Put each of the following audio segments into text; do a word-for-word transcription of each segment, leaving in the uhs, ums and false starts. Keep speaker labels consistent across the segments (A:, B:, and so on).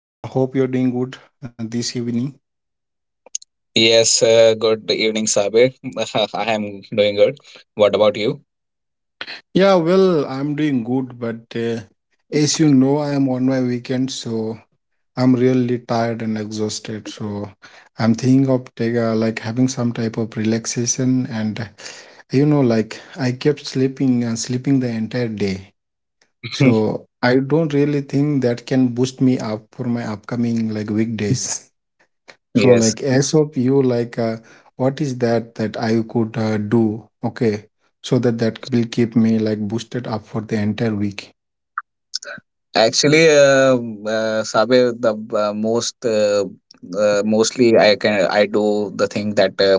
A: Uh, hope you're doing good uh, this evening.
B: Yes, uh, good evening, Sabir. I am doing good. What about you?
A: Yeah, well, I'm doing good, but uh, as you know, I'm on my weekend, so I'm really tired and exhausted. So I'm thinking of take, uh, like having some type of relaxation, and uh, you know, like I kept sleeping and sleeping the entire day. So I don't really think that can boost me up for my upcoming like weekdays. So
B: Yes,
A: like as of you, like uh, what is that that I could uh, do? Okay, so that that will keep me like boosted up for the entire week.
B: actually, um uh, Sabir, the uh, most uh, uh, mostly I can I do the thing that uh,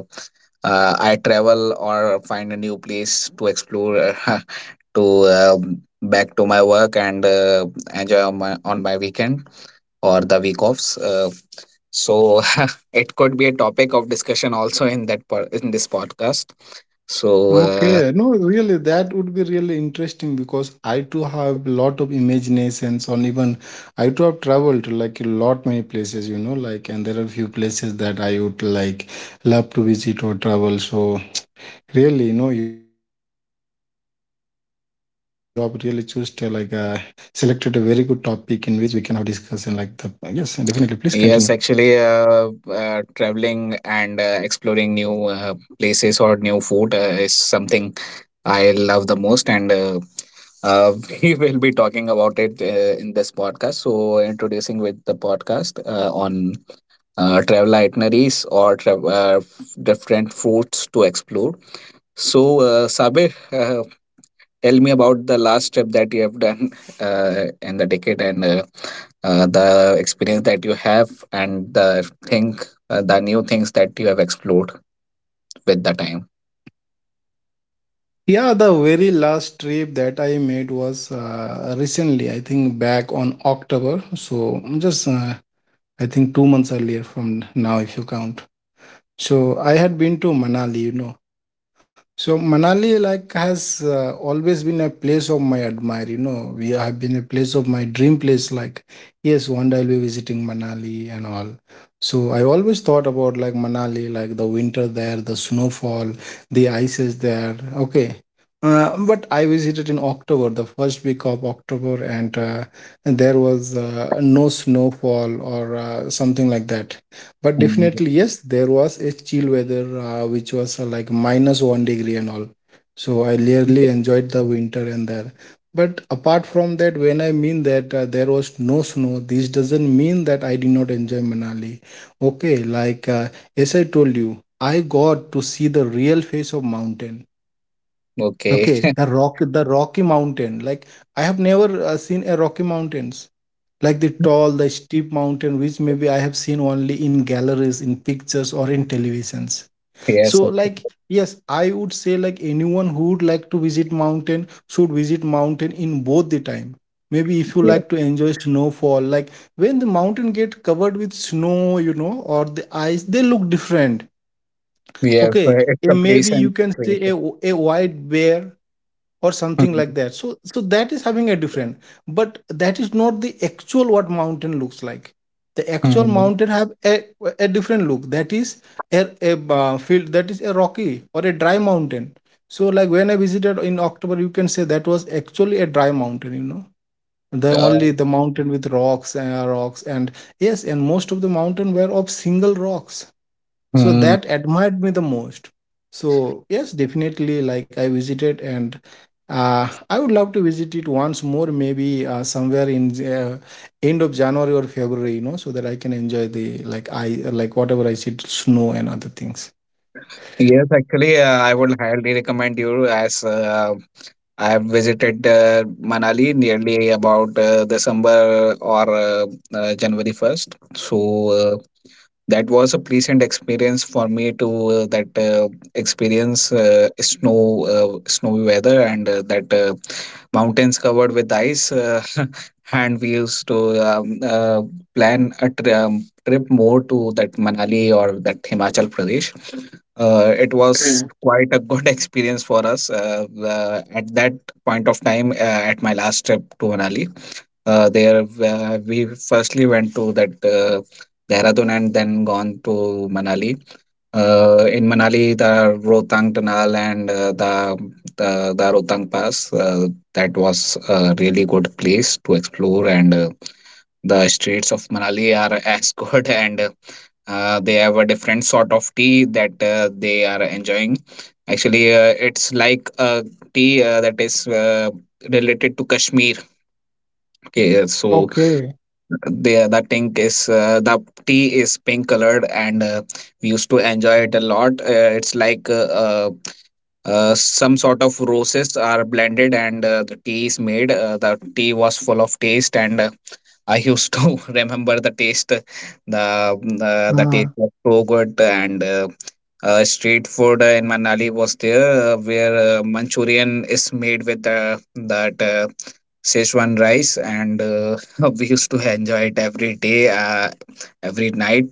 B: uh, I travel or find a new place to explore to uh, back to my work and uh, enjoy on my on my weekend or the week offs. Uh, so it could be a topic of discussion also in that po- in this podcast. So, uh,
A: Okay, no, really, that would be really interesting because I too have a lot of imaginations on even I too have traveled to like a lot many places, you know, like and there are few places that I would like love to visit or travel. So really, you know, you have really choose to like uh, selected a very good topic in which we can have discussion. Like the yes, definitely. Please continue.
B: yes, actually, uh, uh, traveling and uh, exploring new uh, places or new food uh, is something I love the most, and uh, uh, we will be talking about it uh, in this podcast. So, introducing with the podcast uh, on uh, travel itineraries or tra- uh, different foods to explore. So, uh, Sabir, uh, tell me about the last trip that you have done uh, in the decade and uh, uh, the experience that you have and the thing, uh, the new things that you have explored with the time.
A: Yeah, the very last trip that I made was uh, recently. I think back on October. So just uh, I think two months earlier from now, if you count. So I had been to Manali. You know, so Manali like has uh, always been a place of my admire. You know, we have been a place of my dream place. Like, yes, one day I'll be visiting Manali and all. So I always thought about like Manali, like the winter there, the snowfall, the ice is there. Okay. Uh, but I visited in October, the first week of October, and uh, and there was uh, no snowfall or uh, something like that, but
B: Mm.
A: definitely yes there was a chill weather uh, which was uh, like minus one degree and all. So I really enjoyed the winter and there, but apart from that, when I mean that uh, there was no snow, this doesn't mean that I did not enjoy Manali. Okay, like uh, as I told you, I got to see the real face of mountain.
B: Okay.
A: Okay, the rock the rocky mountain. Like I have never uh, seen a rocky mountains, like the tall, the steep mountain, which maybe I have seen only in galleries, in pictures, or in televisions.
B: Yes.
A: So,
B: Okay.
A: like, yes, I would say like anyone who would like to visit mountain should visit mountain in both the time. Maybe if you
B: Yeah.
A: like to enjoy snowfall, like when the mountain get covered with snow, you know, or the ice, they look different.
B: Yes. uh,
A: Okay,
B: It's a
A: and maybe you
B: patient
A: can see
B: creation.
A: a, a white bear or something like
B: Mhm.
A: that, so so that is having a different, but that is not the actual what mountain looks like. The actual
B: Mhm.
A: mountain have a, a different look. That is a, a uh, field that is a rocky or a dry mountain. So like when I visited in October, you can say that was actually a dry mountain, you know, the
B: Uh,
A: only the mountain with rocks and rocks and yes, and most of the mountain were of single rocks. So
B: mm,
A: that admired me the most. So yes, definitely like I visited and uh, I would love to visit it once more, maybe uh, somewhere in uh, end of January or February, you know, so that I can enjoy the like I, like whatever, I see snow and other things.
B: Yes, actually, uh, I would highly recommend you as uh, I have visited uh, Manali nearly about uh, December or uh, uh, January first. So uh, that was a pleasant experience for me to uh, that uh, experience uh, snow uh, snowy weather and uh, that uh, mountains covered with ice, uh, and we used to um, uh, plan a tri- um, trip more to that Manali or that Himachal Pradesh. Uh, it was
A: Okay.
B: quite a good experience for us, uh, the, at that point of time uh, at my last trip to Manali. Uh, there, uh, we firstly went to that uh, Dehradun and then gone to Manali. Uh, in Manali, the Rohtang Tunnel and uh, the, the the Rohtang Pass, uh, that was a really good place to explore. And uh, the streets of Manali are as good, and uh, they have a different sort of tea that uh, they are enjoying. Actually, uh, it's like a tea uh, that is uh, related to Kashmir. Okay, so
A: Okay.
B: the the ink is uh, the tea is pink colored, and uh, we used to enjoy it a lot. Uh, it's like uh, uh, uh, some sort of roses are blended, and uh, the tea is made uh, the tea was full of taste, and uh, I used to remember the taste, the the, the
A: Ah,
B: taste was so good, and uh, uh, street food in Manali was there, uh, where uh, Manchurian is made with the that uh, Szechuan rice, and uh, we used to enjoy it every day, uh, every night,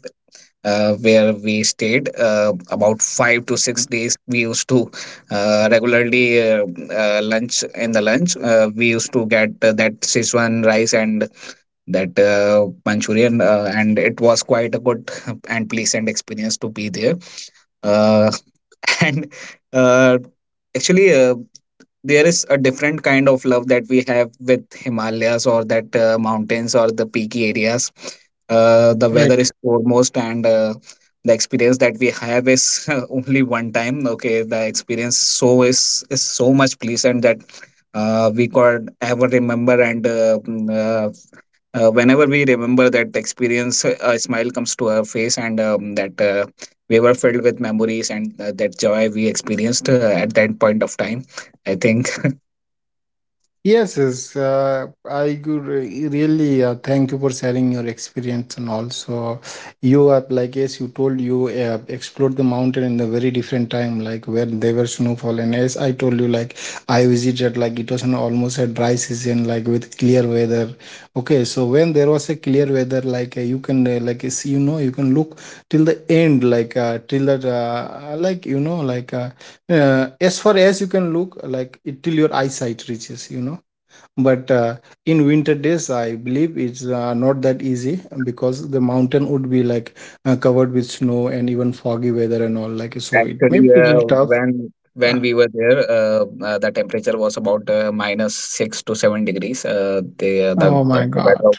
B: uh, where we stayed. Uh, about five to six days, we used to uh, regularly uh, uh, lunch in the lunch. Uh, we used to get uh, that Szechuan rice and that uh, Manchurian, uh, and it was quite a good and pleasant experience to be there. Uh, and uh, actually, uh, there is a different kind of love that we have with Himalayas or that uh, mountains or the peaky areas. Uh, the
A: right.
B: weather is foremost, and uh, the experience that we have is only one time. Okay, the experience so is is so much pleasant that uh, we could ever remember, and uh, mm, uh, uh, whenever we remember that experience, a smile comes to our face, and um, that uh, we were filled with memories and uh, that joy we experienced uh, at that point of time, I think.
A: Yes, yes. Uh, I could re- really uh, thank you for sharing your experience, and also you have like as you told you uh, explored the mountain in the very different time, like where there were snowfall, and as I told you like I visited like it was an almost a dry season, like with clear weather. Okay, so when there was a clear weather, like uh, you can uh, like see, you know, you can look till the end, like uh, till that uh, like you know like uh, uh, as far as you can look like it, till your eyesight reaches, you know. But uh, in winter days I believe it's uh, not that easy, because the mountain would be like uh, covered with snow and even foggy weather and all like, so it may
B: actually
A: be a little
B: uh,
A: tough.
B: when
A: Uh,
B: when we were there, uh, uh, the temperature was about uh, minus six to seven degrees. Uh, the the
A: oh my
B: weather
A: god.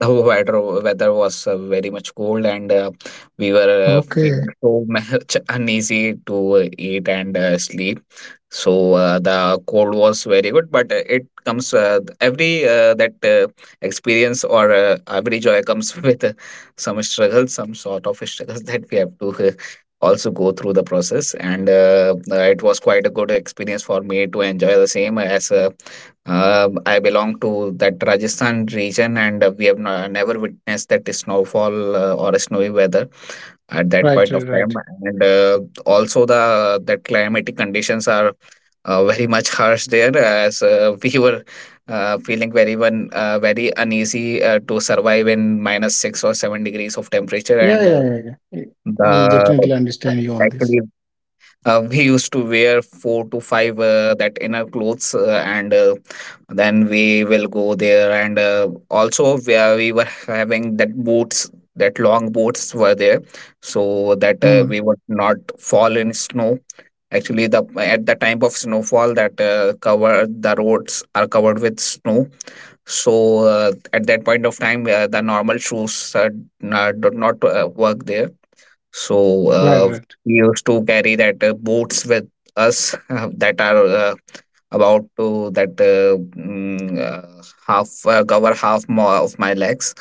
B: the weather weather was uh, very much cold, and uh, we were uh,
A: Okay.
B: feeling so much uneasy to uh, eat and uh, sleep. So uh, the cold was very good, but uh, it comes uh, every uh, that uh, experience or uh, every joy comes with uh, some struggle some sort of struggles that we have to uh, also go through the process, and uh, uh, it was quite a good experience for me to enjoy the same, as uh, uh, I belong to that Rajasthan region, and uh, we have no, never witnessed that snowfall uh, or snowy weather at that
A: Right,
B: point of
A: right,
B: time.
A: right.
B: And uh, also, the the climatic conditions are uh, very much harsh there, as uh, we were uh, feeling very one uh, very uneasy uh, to survive in minus six or seven degrees of temperature,
A: Yeah,
B: and uh,
A: yeah, yeah, yeah. I, I
B: the
A: definitely understand you on this.
B: actually uh, we used to wear four to five uh, that inner clothes, uh, and uh, then we will go there, and uh, also we, are- we were having that boots, that long boots were there so that uh,
A: Hmm.
B: we would not fall in snow. Actually, the at the time of snowfall, that uh, cover the roads are covered with snow, so uh, at that point of time uh, the normal shoes, uh, n- uh, do not uh, work there. So
A: Right,
B: uh,
A: right.
B: we used to carry that uh, boats with us that are uh, about to that uh, mm, uh, half uh, cover half more of my legs,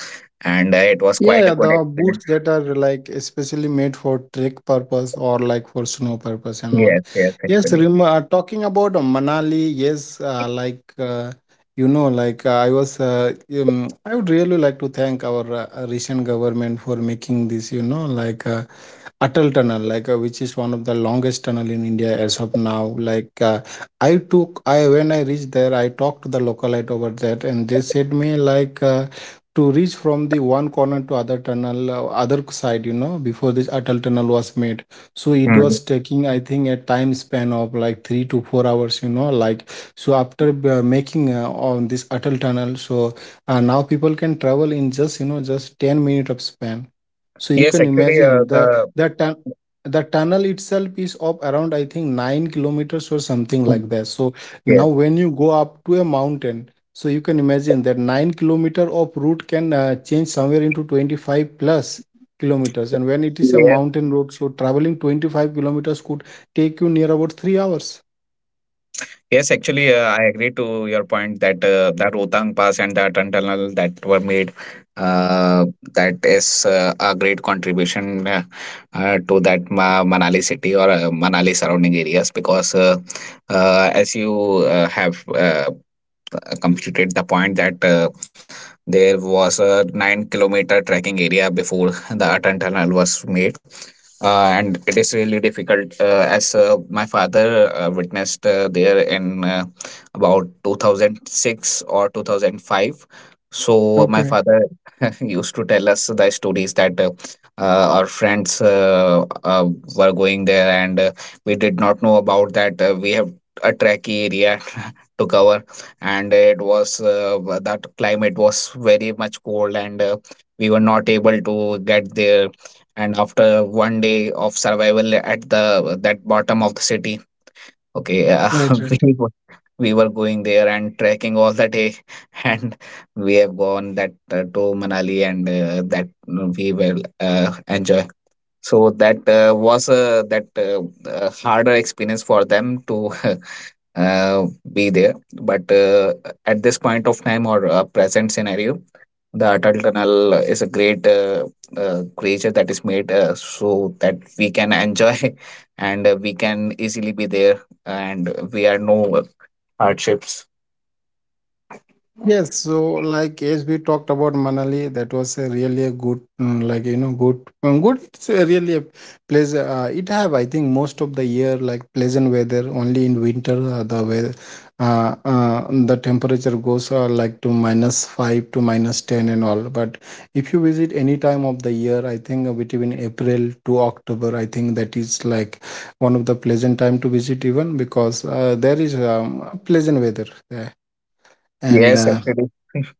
B: and uh, it was
A: Yeah,
B: quite a
A: yeah,
B: good
A: the
B: experience.
A: boots that are like especially made for trek purpose or like for snow purpose and all.
B: Yes, yes,
A: Yes,
B: actually.
A: rem uh, talking about uh, Manali, yes, uh, like uh, you know, like uh, I was, uh, um, I would really like to thank our uh, uh, recent government for making this, you know, like uh, Atal Tunnel, like uh, which is one of the longest tunnel in India as of now. Like uh, I took, I when I reached there, I talked to the localite over that, and they said me like. Uh, to reach from the one corner to other tunnel uh, other side, you know, before this Atal Tunnel was made, so it
B: Mm.
A: was taking I think a time span of like three to four hours, you know, like. So after uh, making uh, on this Atal Tunnel, so uh, now people can travel in just you know just ten minute of span. So you
B: Yes,
A: can
B: actually, uh,
A: imagine the
B: the
A: the tun- the tunnel itself is of around I think nine kilometers or something like
B: Mm.
A: that. So now
B: Yes,
A: when you go up to a mountain, so you can imagine that nine kilometer of route can uh, change somewhere into twenty-five plus kilometers. And when it is a
B: yes.
A: mountain road, so traveling twenty-five kilometers could take you near about three hours.
B: Yes, actually, uh, I agree to your point that uh, the Rohtang Pass and the Atal Tunnel that were made, uh, that is uh, a great contribution uh, uh, to that Ma- Manali city or uh, Manali surrounding areas, because uh, uh, as you uh, have uh, uh, completed the point that uh, there was a nine kilometer trekking area before the Atal Tunnel was made, uh, and it is really difficult, uh, as uh, my father uh, witnessed uh, there in uh, about two thousand six or two thousand five. So my
A: Okay.
B: father used to tell us the stories that uh, uh, our friends uh, uh, were going there and uh, we did not know about that uh, we have a tracky area to cover, and it was, uh, that climate was very much cold, and uh, we were not able to get there. And after one day of survival at the that bottom of the city, okay, uh,
A: Right. Right.
B: we were, we were going there and trekking all the day, and we have gone that uh, to Manali and uh, that uh, we will uh, enjoy. So that uh, was uh, that uh, uh, harder experience for them to uh, be there. But uh, at this point of time or uh, present scenario, the Atal Tunnel is a great uh, uh, creature that is made, uh, so that we can enjoy and uh, we can easily be there, and we are no hardships.
A: Yes, so like as we talked about Manali, that was a really a good, mm, like you know, good, um, good. It's a really a place. Uh, it have I think most of the year like pleasant weather. Only in winter uh, the weather, uh, uh, the temperature goes uh, like to minus five to minus ten and all. But if you visit any time of the year, I think uh, between April to October, I think that is like one of the pleasant time to visit, even because uh, there is um, pleasant weather there and.
B: Yes,
A: Uh,
B: actually.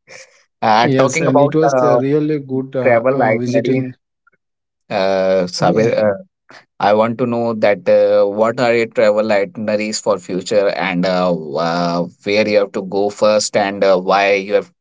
B: Uh,
A: Yes,
B: talking
A: and
B: about
A: it was
B: uh,
A: a really good uh,
B: travel
A: uh,
B: itineraries,
A: visiting.
B: uh,
A: Yeah,
B: Sabir, I want to know that uh, what are your travel itineraries for future, and uh, uh, where you have to go first, and uh, why you have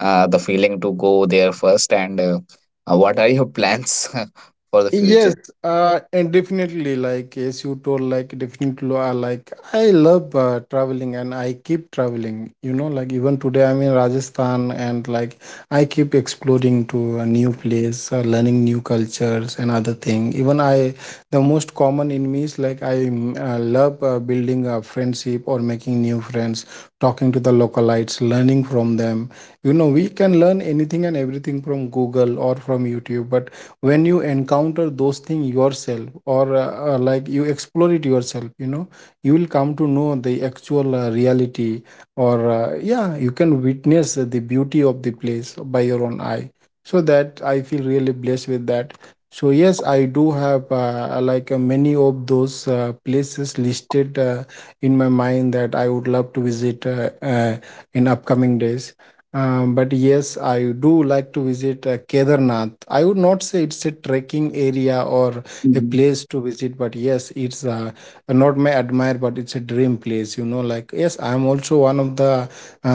B: uh, the feeling to go there first, and uh, uh, what are your plans for the future?
A: yes, uh, and definitely, like as you told, like definitely, uh, like I love uh, traveling and I keep traveling. You know, like even today I'm in Rajasthan, and like I keep exploring to a new place, uh, learning new cultures and other thing. Even I, the most common in me is like I mm, uh, love uh, building a friendship or making new friends, talking to the localites, learning from them. You know, we can learn anything and everything from Google or from YouTube, but when you encounter those things yourself or uh, uh, like you explore it yourself, you know, you will come to know the actual uh, reality, or uh, yeah, you can witness the beauty of the place by your own eye. So that I feel really blessed with that. So yes, I do have uh, like uh, many of those uh, places listed uh, in my mind that I would love to visit uh, uh, in upcoming days. Um, but yes, I do like to visit uh, Kedarnath. I would not say it's a trekking area or a
B: Mhm.
A: place to visit, but yes, it's uh, not my admire, but it's a dream place. You know, like yes, I'm also one of the uh,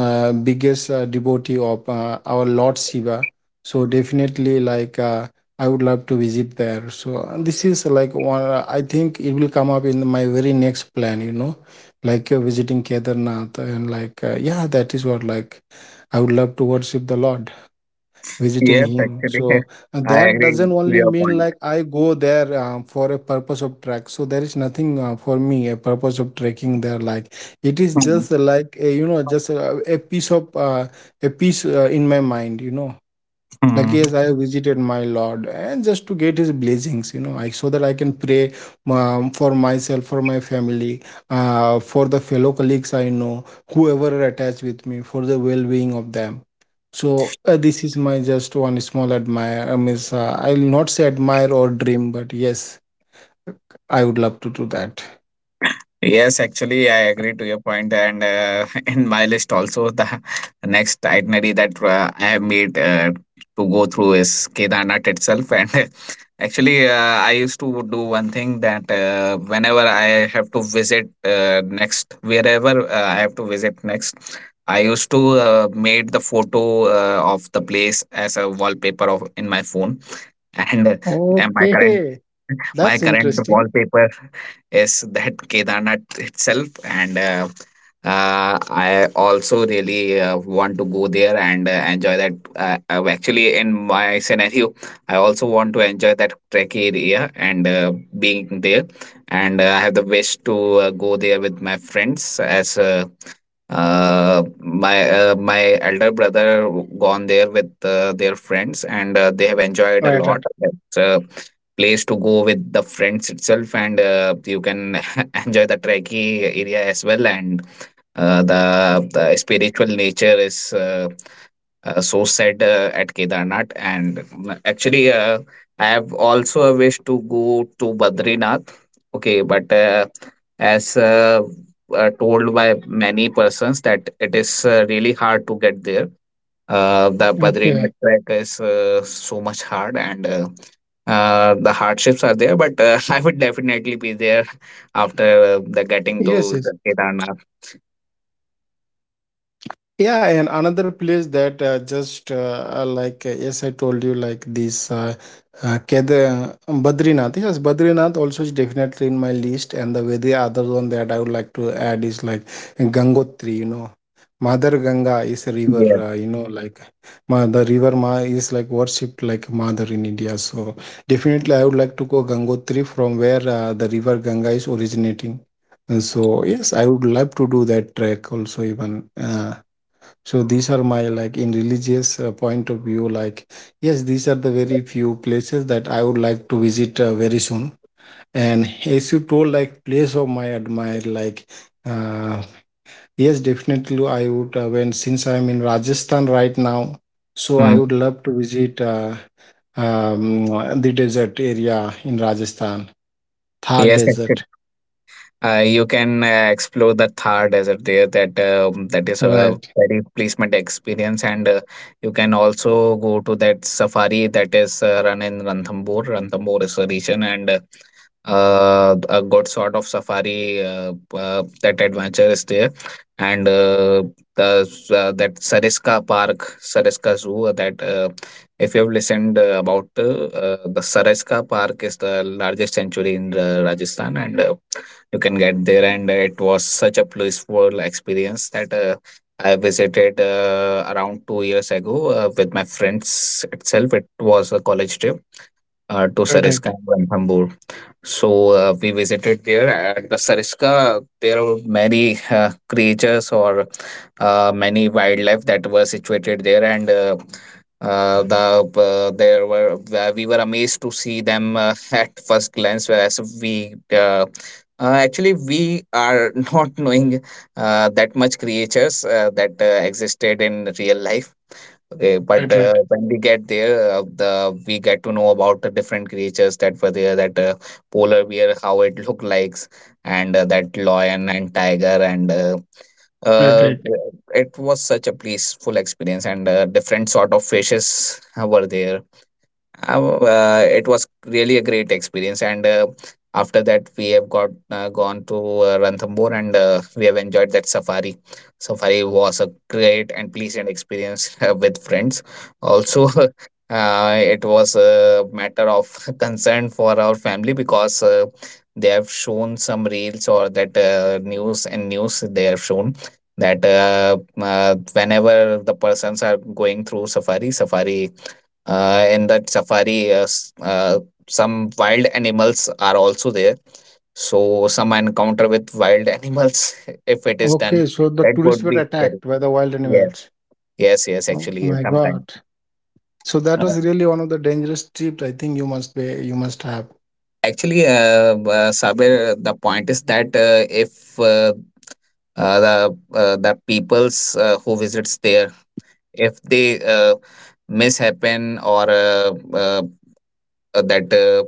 A: uh, biggest uh, devotee of uh, our Lord Shiva. So definitely, like uh, I would love to visit there. So uh, this is like one. uh, I think it will come up in my very next plan. You know, like uh, visiting Kedarnath, and like uh, yeah, that is what like. I would love to worship the Lord, visiting
B: Yes,
A: Him.
B: actually,
A: So uh,
B: I
A: that
B: agree
A: doesn't
B: to
A: only
B: your
A: mean
B: point.
A: like I go there um, for a purpose of trek. So there is nothing uh, for me a purpose of trekking there. Like it is just uh, like a, you know just a, a piece of uh, a piece uh, in my mind. You know, like,
B: Mhm.
A: yes, I visited my Lord, and just to get His blessings, you know, I so that I can pray um, for myself, for my family, uh, for the fellow colleagues I know, whoever are attached with me, for the well-being of them. So uh, this is my just one small admire. I mean, uh, I'll not say admire or dream, but yes, I would love to do that.
B: Yes, actually, I agree to your point, and uh, in my list also, the next itinerary that uh, I have made uh, to go through is Kedarnath itself. And actually, uh, I used to do one thing that uh, whenever I have to visit uh, next, wherever uh, I have to visit next, I used to uh, made the photo uh, of the place as a wallpaper of in my phone, and uh, and my current,
A: Okay,
B: my
A: that's
B: current
A: interesting.
B: wallpaper is that Kedarnath itself, and uh, uh, I also really uh, want to go there and uh, enjoy that. Uh, uh, actually, in my scenario, I also want to enjoy that trek area and uh, being there. And uh, I have the wish to uh, go there with my friends, as uh, uh, my uh, my elder brother gone there with uh, their friends, and uh, they have enjoyed a
A: Right,
B: lot.
A: right.
B: It's, uh, place to go with the friends itself, and uh, you can enjoy the trekkie area as well, and uh, the, the spiritual nature is uh, uh, so said uh, at Kedarnath. And mm, actually, uh, I have also a wish to go to Badrinath. Okay, but uh, as uh, uh, told by many persons that it is uh, really hard to get there. Uh, the
A: Okay.
B: Badrinath trek is uh, so much hard, and uh, uh, the hardships are there. But uh, I would definitely be there after uh, the getting
A: Yes,
B: to the
A: yes.
B: Kedarnath.
A: Yeah, and another place that uh, just uh, uh, like uh, yes, I told you like this uh, uh, Kedar- Badrinath. Yes, Badrinath also is definitely in my list, and the very other one that I would like to add is like Gangotri. You know, Mother Ganga is a river.
B: Yes.
A: Uh, you know, like ma- the river ma is like worshipped like mother in India. So definitely, I would like to go Gangotri from where uh, the river Ganga is originating. Uh, So yes, I would love to do that trek also even. Uh, so these are my like in religious uh, point of view, like yes, these are the very few places that I would like to visit uh, very soon, and as you told, like, place of my admire, like uh, yes, definitely I would uh, when, since I'm in Rajasthan right now, so I
B: Mm.
A: would love to visit uh, um, the desert area in Rajasthan, Thar
B: Yes. Yes.
A: Desert.
B: Uh, you can uh, explore the Thar desert there. That um, that is a
A: Right,
B: very placement experience, and uh, you can also go to that safari that is uh, run in Ranthambore. Ranthambore is a region, and uh, uh, a good sort of safari uh, uh, that adventure is there and uh, the s- uh, that Sariska Park Sariska Zoo uh, that uh, if you have listened uh, about uh, uh, the Sariska Park is the largest sanctuary in uh, Rajasthan, and uh, you can get there, and it was such a blissful experience that uh, I visited uh, around two years ago uh, with my friends itself. It was a college trip uh, to
A: right,
B: Sariska
A: right,
B: and Ranthambore. So uh, we visited there at the Sariska. There were many uh, creatures, or uh, many wildlife that were situated there, and uh, uh, the uh, there were uh, we were amazed to see them uh, at first glance. Whereas we uh, uh, actually we are not knowing uh, that much creatures uh, that uh, existed in real life. Okay, but
A: right,
B: uh,
A: right,
B: when we get there, uh, the we get to know about the different creatures that were there. That uh, Polar bear, how it looked like, and uh, that lion and tiger, and uh,
A: right,
B: uh,
A: right.
B: it was such a peaceful experience. And uh, different sort of fishes were there. I w- uh, it was really a great experience, and uh, after that we have got uh, gone to uh, Ranthambore, and uh, we have enjoyed that safari. Safari was a great and pleasant experience uh, with friends also. Uh, it was a matter of concern for our family, because uh, they have shown some reels or that uh, news, and news they have shown that uh, uh, whenever the persons are going through safari, safari uh, in that safari uh, s- uh, some wild animals are also there. So some encounter with wild animals, if it is done,
A: Okay, so the
B: it would
A: tourists were
B: be scary.
A: attacked by the wild
B: Yeah.
A: animals.
B: Yes, yes,
A: Oh
B: actually
A: my
B: sometimes.
A: god. So that was really one of the dangerous trips I think you must be you must have.
B: Actually, uh, uh, Sabir, the point is that uh, if uh, uh, the uh, the peoples uh, who visits there, if they uh, mishappen, or uh, uh, uh, that uh,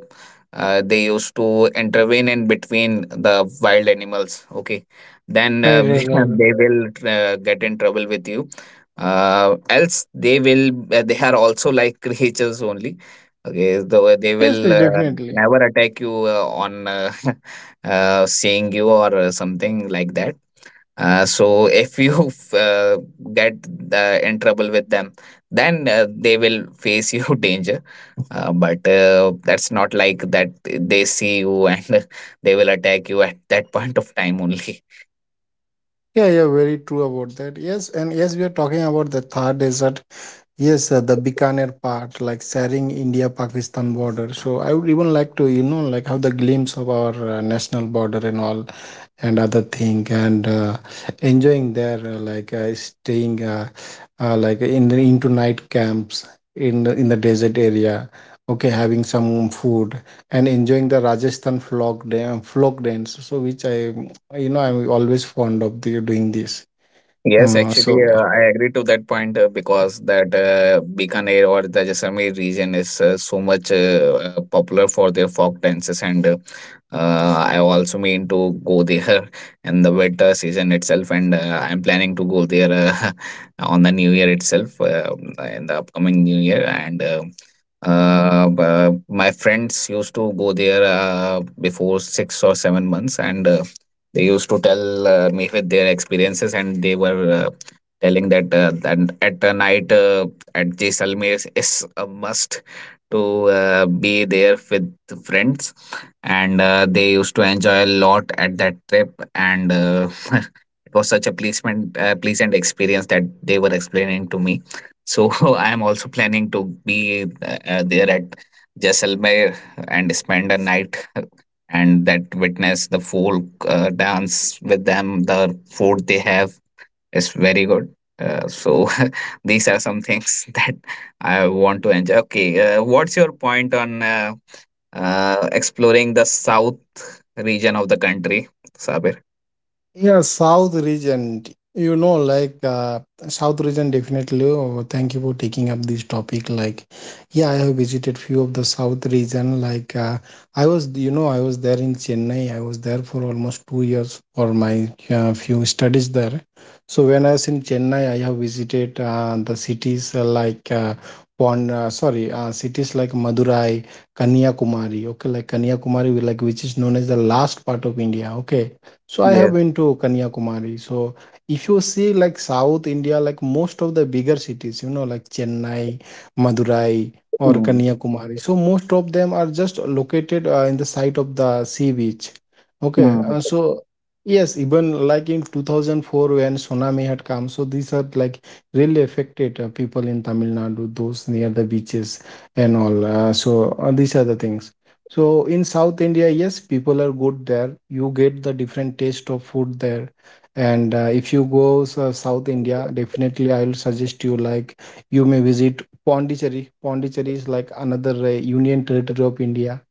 B: uh, they used to intervene in between the wild animals, okay, then
A: Right,
B: uh,
A: right, right, right.
B: they will uh, get in trouble with you. Uh, else they will uh, they are also like creatures only. Okay, so they
A: Yes,
B: will
A: yes,
B: uh,
A: definitely.
B: never attack you uh, on uh, uh, seeing you or uh, something like that. Uh, so if you uh, get uh, in trouble with them, then uh, they will face you danger. Uh, but uh, that's not like that they see you and they will attack you at that point of time only.
A: Yeah, yeah, very true about that. Yes, and yes, we are talking about the Thar Desert. Yes, uh, the Bikaner part, like sharing India-Pakistan border. So I would even like to, you know, like have the glimpse of our uh, national border and all. And other thing, and uh, enjoying there, uh, like uh, staying, uh, uh, like in the into night camps in the- in the desert area. Okay, having some food and enjoying the Rajasthan folk dan- folk dance, so which I, you know, I'm always fond of the, doing this.
B: Yes,
A: uh, so
B: actually, uh, I agree to that point, uh, because that uh, Bikaner or the Jaisalmer region is uh, so much uh, uh, popular for their folk dances, and uh, uh, I also mean to go there in the winter season itself, and uh, I'm planning to go there uh, on the new year itself, uh, in the upcoming new year. And. Uh, uh, b- my friends used to go there uh, before six or seven months, and uh, they used to tell uh, me with their experiences, and they were uh, telling that uh, that at a night uh, at Jaisalmer is a must to uh, be there with friends, and uh, they used to enjoy a lot at that trip, and uh, it was such a pleasant uh, pleasant experience that they were explaining to me. So I am also planning to be uh, uh, there at Jaisalmer and spend a night, and that witness the folk uh, dance with them. The food they have is very good. Uh, so these are some things that I want to enjoy. Okay, uh, what's your point on uh, uh, exploring the south region of the country, Sabir?
A: Yeah, South region. You know, like uh, South region definitely. Oh, thank you for taking up this topic. Like, yeah, I have visited few of the South region. Like, uh, I was, you know, I was there in Chennai. I was there for almost two years for my uh, few studies there. So when I was in Chennai, I have visited uh, the cities uh, like uh, Pon, uh, sorry, uh, cities like Madurai, Kanyakumari. Okay, like Kanyakumari, like, which is known as the last part of India. Okay, so I have
B: Yes.
A: been to Kanyakumari. So if you see like South India, like most of the bigger cities, you know, like Chennai, Madurai, or
B: Mm,
A: Kanyakumari. So most of them are just located uh, in the side of the sea beach. Okay,
B: mm.
A: uh, so yes, even like in two thousand four when tsunami had come, so these are like really affected uh, people in Tamil Nadu, those near the beaches and all. Uh, so uh, these are the things. So in South India, yes, people are good there. You get the different taste of food there. And uh, if you go so South India, definitely I will suggest you like you may visit Pondicherry. Pondicherry is like another uh, union territory of India.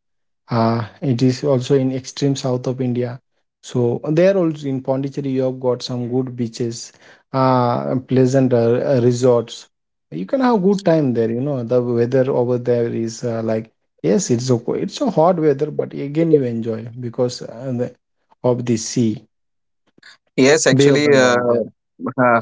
A: Uh, it is also in extreme south of India. So there also in Pondicherry, you have got some good beaches, uh, pleasant uh, uh, resorts. You can have good time there. You know the weather over there is uh, like yes, it's a it's a hot weather, but again you enjoy because uh, the, of the sea,
B: Yes,
A: Bay of
B: actually, uh,
A: Bengal there.
B: uh,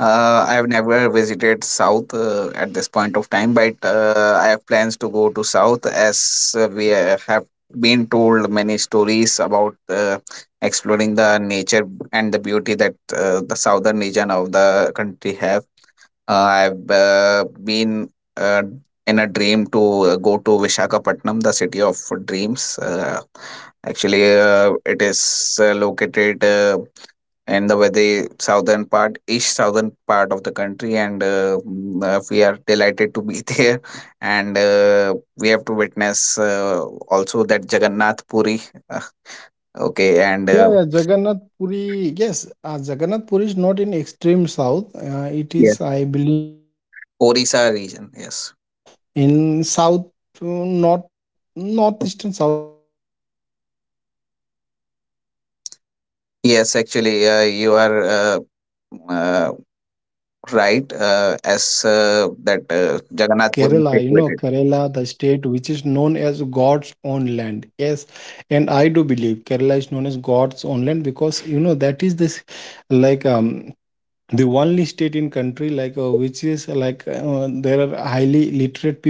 B: uh, I have never visited South uh, at this point of time, but uh, I have plans to go to South, as uh, we uh, have been told many stories about uh, exploring the nature and the beauty that uh, the southern region of the country have. Uh, I've uh, been uh, in a dream to uh, go to Vishakhapatnam, the city of dreams. Uh, actually, uh, it is uh, located, Uh, and the very southern part, east southern part of the country, and uh, mm, uh, we are delighted to be there. And uh, we have to witness uh, also that Jagannath Puri, uh, okay, and
A: Yeah,
B: uh,
A: yeah, Jagannath Puri. Yes, uh, Jagannath Puri is not in extreme south. Uh, it
B: Yes,
A: is, I believe, in
B: Orissa
A: south,
B: region,
A: uh,
B: yes.
A: north, northeastern, southeastern, something like that. You can consider it's a part of a north India itself. So yeah, Jagannath Puri, another very
B: Yes.
A: famous
B: Actually,
A: place,
B: uh,
A: and
B: you are
A: definitely I
B: uh,
A: would love uh, one and other
B: uh,
A: to visit that. And
B: right,
A: yes, we are
B: uh,
A: talking about
B: as
A: s-
B: uh,
A: south.
B: that
A: So
B: uh,
A: Kerala, you
B: Jagannath
A: know,
B: Puri is
A: Kerala,
B: situated.
A: the state which is known as God's own land. Yes, and I do believe Kerala is known as God's own land because, you know, that is this like um the only state in country like uh, which is uh, like uh, there are highly literate people.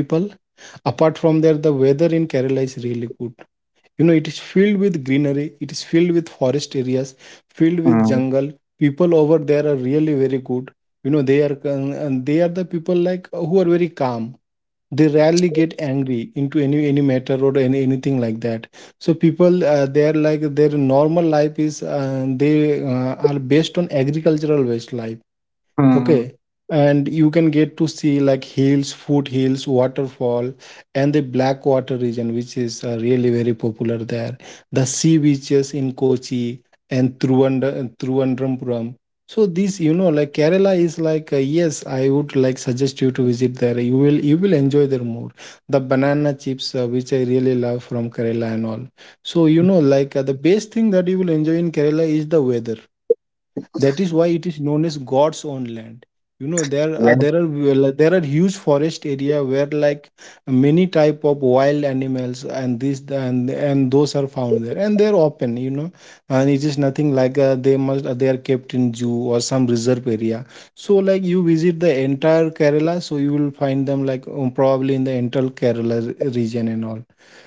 A: Apart from there, the weather in Kerala is really good. You know, it is filled with greenery, it is filled with forest areas, filled with
B: Mm.
A: jungle. People over there are really very good. You know, they are con- and they are the people like uh, who are very calm. They rarely get angry into any any matter or any, anything like that. So people uh, they are like, their normal life is, uh, they uh, are based on agricultural based life.
B: Mm.
A: Okay. And you can get to see like hills, foothills, waterfall, and the blackwater region, which is uh, really very popular there, the sea beaches in Kochi and Trivandrum- Trivandrum. So this, you know, like Kerala is like, uh, yes, I would like suggest you to visit there. You will, you will enjoy there more. The banana chips uh, which I really love from Kerala and all. So you know, like uh, the best thing that you will enjoy in Kerala is the weather. That is why it is known as God's own land. You know, there are,
B: Yes.
A: there are, well, there are huge forest area where like many type of wild animals and this and and those are found there, and they're open. You know, and it is nothing like uh, they must, they are kept in zoo or some reserve area. So like you visit the entire Kerala, so you will find them like um, probably in the entire Kerala region and all.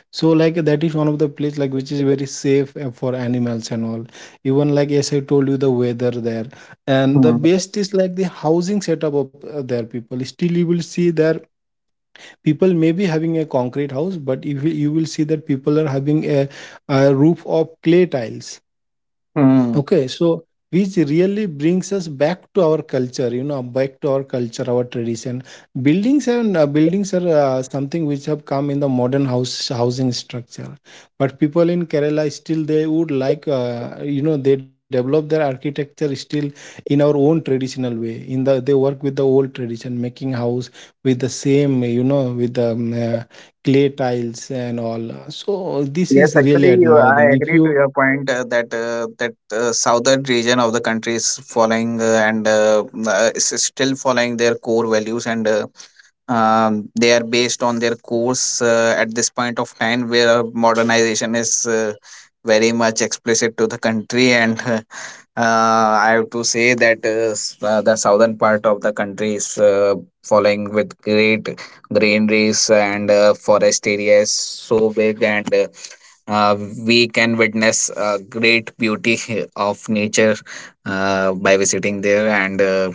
A: So like that is one of the place like which is very safe uh, for animals and all. Even like as I told you, the weather there, and the best is like the housing setup of uh, their people. Still, you will see their people may be having a concrete house, but if you, you will see that people are having a, a roof of clay tiles.
B: Mm.
A: Okay, so which really brings us back to our culture, you know, back to our culture, our tradition. Buildings and uh, buildings are uh, something which have come in the modern house housing structure, but people in Kerala still they would like, uh, you know, they develop their architecture still in our own traditional way. In the, they work with the old tradition, making house with the same, you know, with the um, uh, clay tiles and all. So this is
B: Yes,
A: really
B: actually, you,
A: admiring.
B: I
A: If
B: agree
A: you
B: to your point, uh, that uh, that uh, southern region of the country is following uh, and uh, uh, is still following their core values, and uh, um, they are based on their course uh, at this point of time, where modernization is uh, very much explicit to the country, and uh, I have to say that uh, s- uh, the southern part of the country is uh, following with great greeneries and uh, forest areas so big. And. Uh, uh, we can witness uh, great beauty of nature uh, by visiting there. And uh,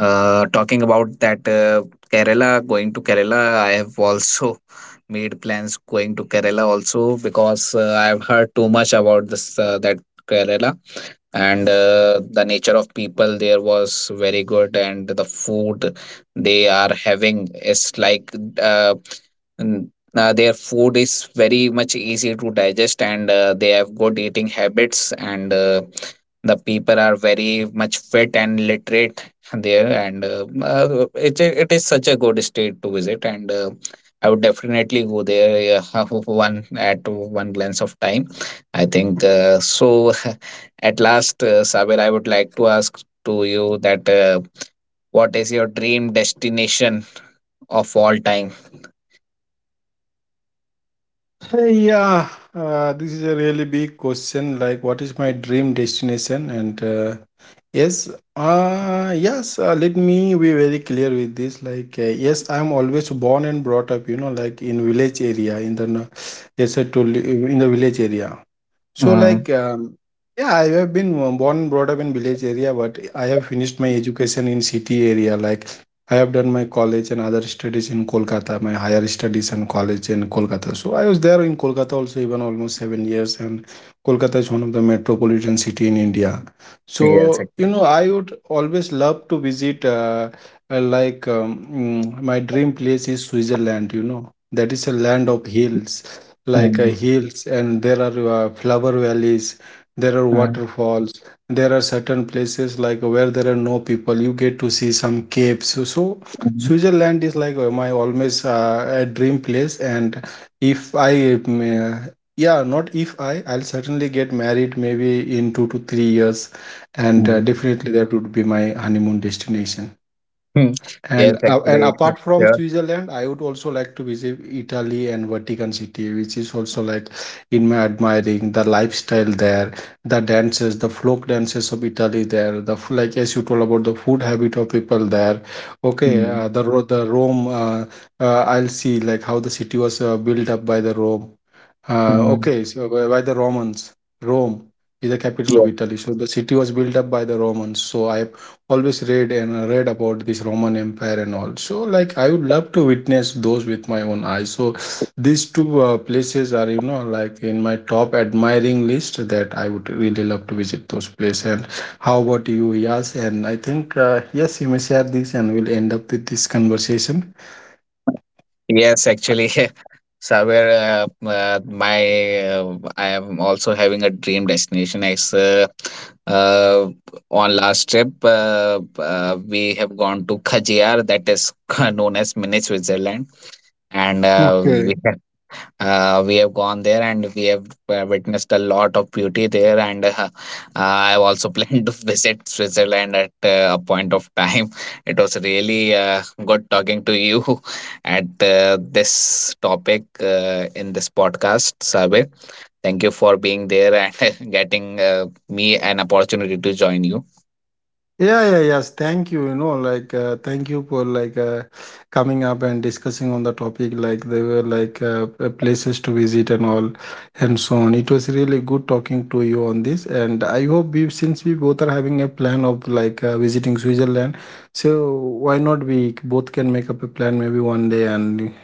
B: uh, talking about that uh, Kerala, going to Kerala, I have also made plans going to Kerala also, because uh, I have heard too much about this uh, that Kerala. And uh, the nature of people there was very good, and the food they are having is like uh, n- uh, their food is very much easy to digest, and uh, they have good eating habits, and uh, the people are very much fit and literate there, and uh, uh, it, it is such a good state to visit, and uh, I would definitely go there uh, one at one glance of time, I think uh, so. At last, uh, Sabir, I would like to ask to you that uh, what is your dream destination of all time?
A: Hey, yeah, uh, this is a really big question. Like, what is my dream destination? And uh, yes, uh, yes. Uh, let me be very clear with this. Like, uh, yes, I'm always born and brought up. You know, like in village area. In the no- Yes, I told you, in the village area. So
B: Mm,
A: like um, yeah, I have been uh, born and brought up in village area, but I have finished my education in city area. Like I have done my college and other studies in Kolkata, my higher studies and college in Kolkata. So I was there in Kolkata also even almost seven years, and Kolkata is one of the metropolitan city in India. So
B: yes,
A: you
B: actually.
A: know, I would always love to visit. Uh, uh, like um, mm, my dream place is Switzerland. You know, that is a land of hills, like uh,
B: Mm,
A: hills, and there are uh, flower valleys, there are
B: mm,
A: waterfalls, there are certain places like where there are no people, you get to see some caves. So, so
B: mm,
A: Switzerland is like uh, my always uh, a dream place. And if I um, uh, yeah not if I I'll certainly get married maybe in two to three years, and uh,
B: mm.
A: definitely that would be my honeymoon destination.
B: Hmm. Yes,
A: And uh, and
B: actually,
A: apart from
B: sure.
A: Switzerland, I would also like to visit Italy and Vatican City, which is also like in my admiring the lifestyle there, the dances, the folk dances of Italy there, the f- like as you told about the food habit of people there. Okay,
B: Mm,
A: uh, the Ro- the Rome, uh, uh, I'll see like how the city was uh, built up by the Rome. Uh,
B: mm,
A: okay, so by, by the Romans, Rome is the capital
B: yeah.
A: of Italy. So the city was built up by the Romans. So I always read and uh, read about this Roman Empire and all. So like I would love to witness those with my own eyes. So these two uh, places are, you know, like in my top admiring list, that I would really love to visit those places. And how about you, Yas? And I think uh, yes, you may share this and we'll end up with this conversation.
B: Yes, actually, Saber, uh, uh, my uh, I am also having a dream destination. As uh, uh, on last trip, uh, uh, we have gone to Khajiar, that is known as mini Switzerland. and uh, we
A: Okay,
B: have, uh, we have gone there, and we have uh, witnessed a lot of beauty there, and uh, uh, I have also planned to visit Switzerland at uh, a point of time. It was really uh, good talking to you at uh, this topic uh, in this podcast, Sabe. Thank you for being there and getting uh, me an opportunity to join you.
A: yeah, yeah, yes. Thank you. You know, like, uh, thank you for like uh, coming up and discussing on the topic. Like, they were like uh, uh, places to visit and all, and so on. It was really good talking to you on this, and I hope we, since we both are having a plan of like uh, visiting Switzerland, so why not we both can make up a plan maybe one day and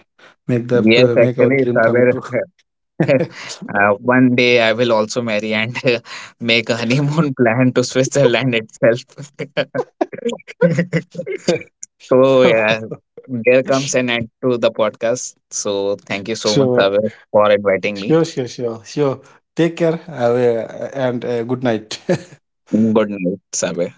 A: make the
B: Yes,
A: uh, make our
B: actually,
A: dream come
B: Saber.
A: true.
B: Uh, one day I will also marry and make a honeymoon plan to Switzerland itself. So yeah, there comes an end to the podcast. So thank you so much,
A: so
B: Saber, for inviting me.
A: sure, sure, sure, sure. Take care. Have a, and uh, good night.
B: Good night, Saber.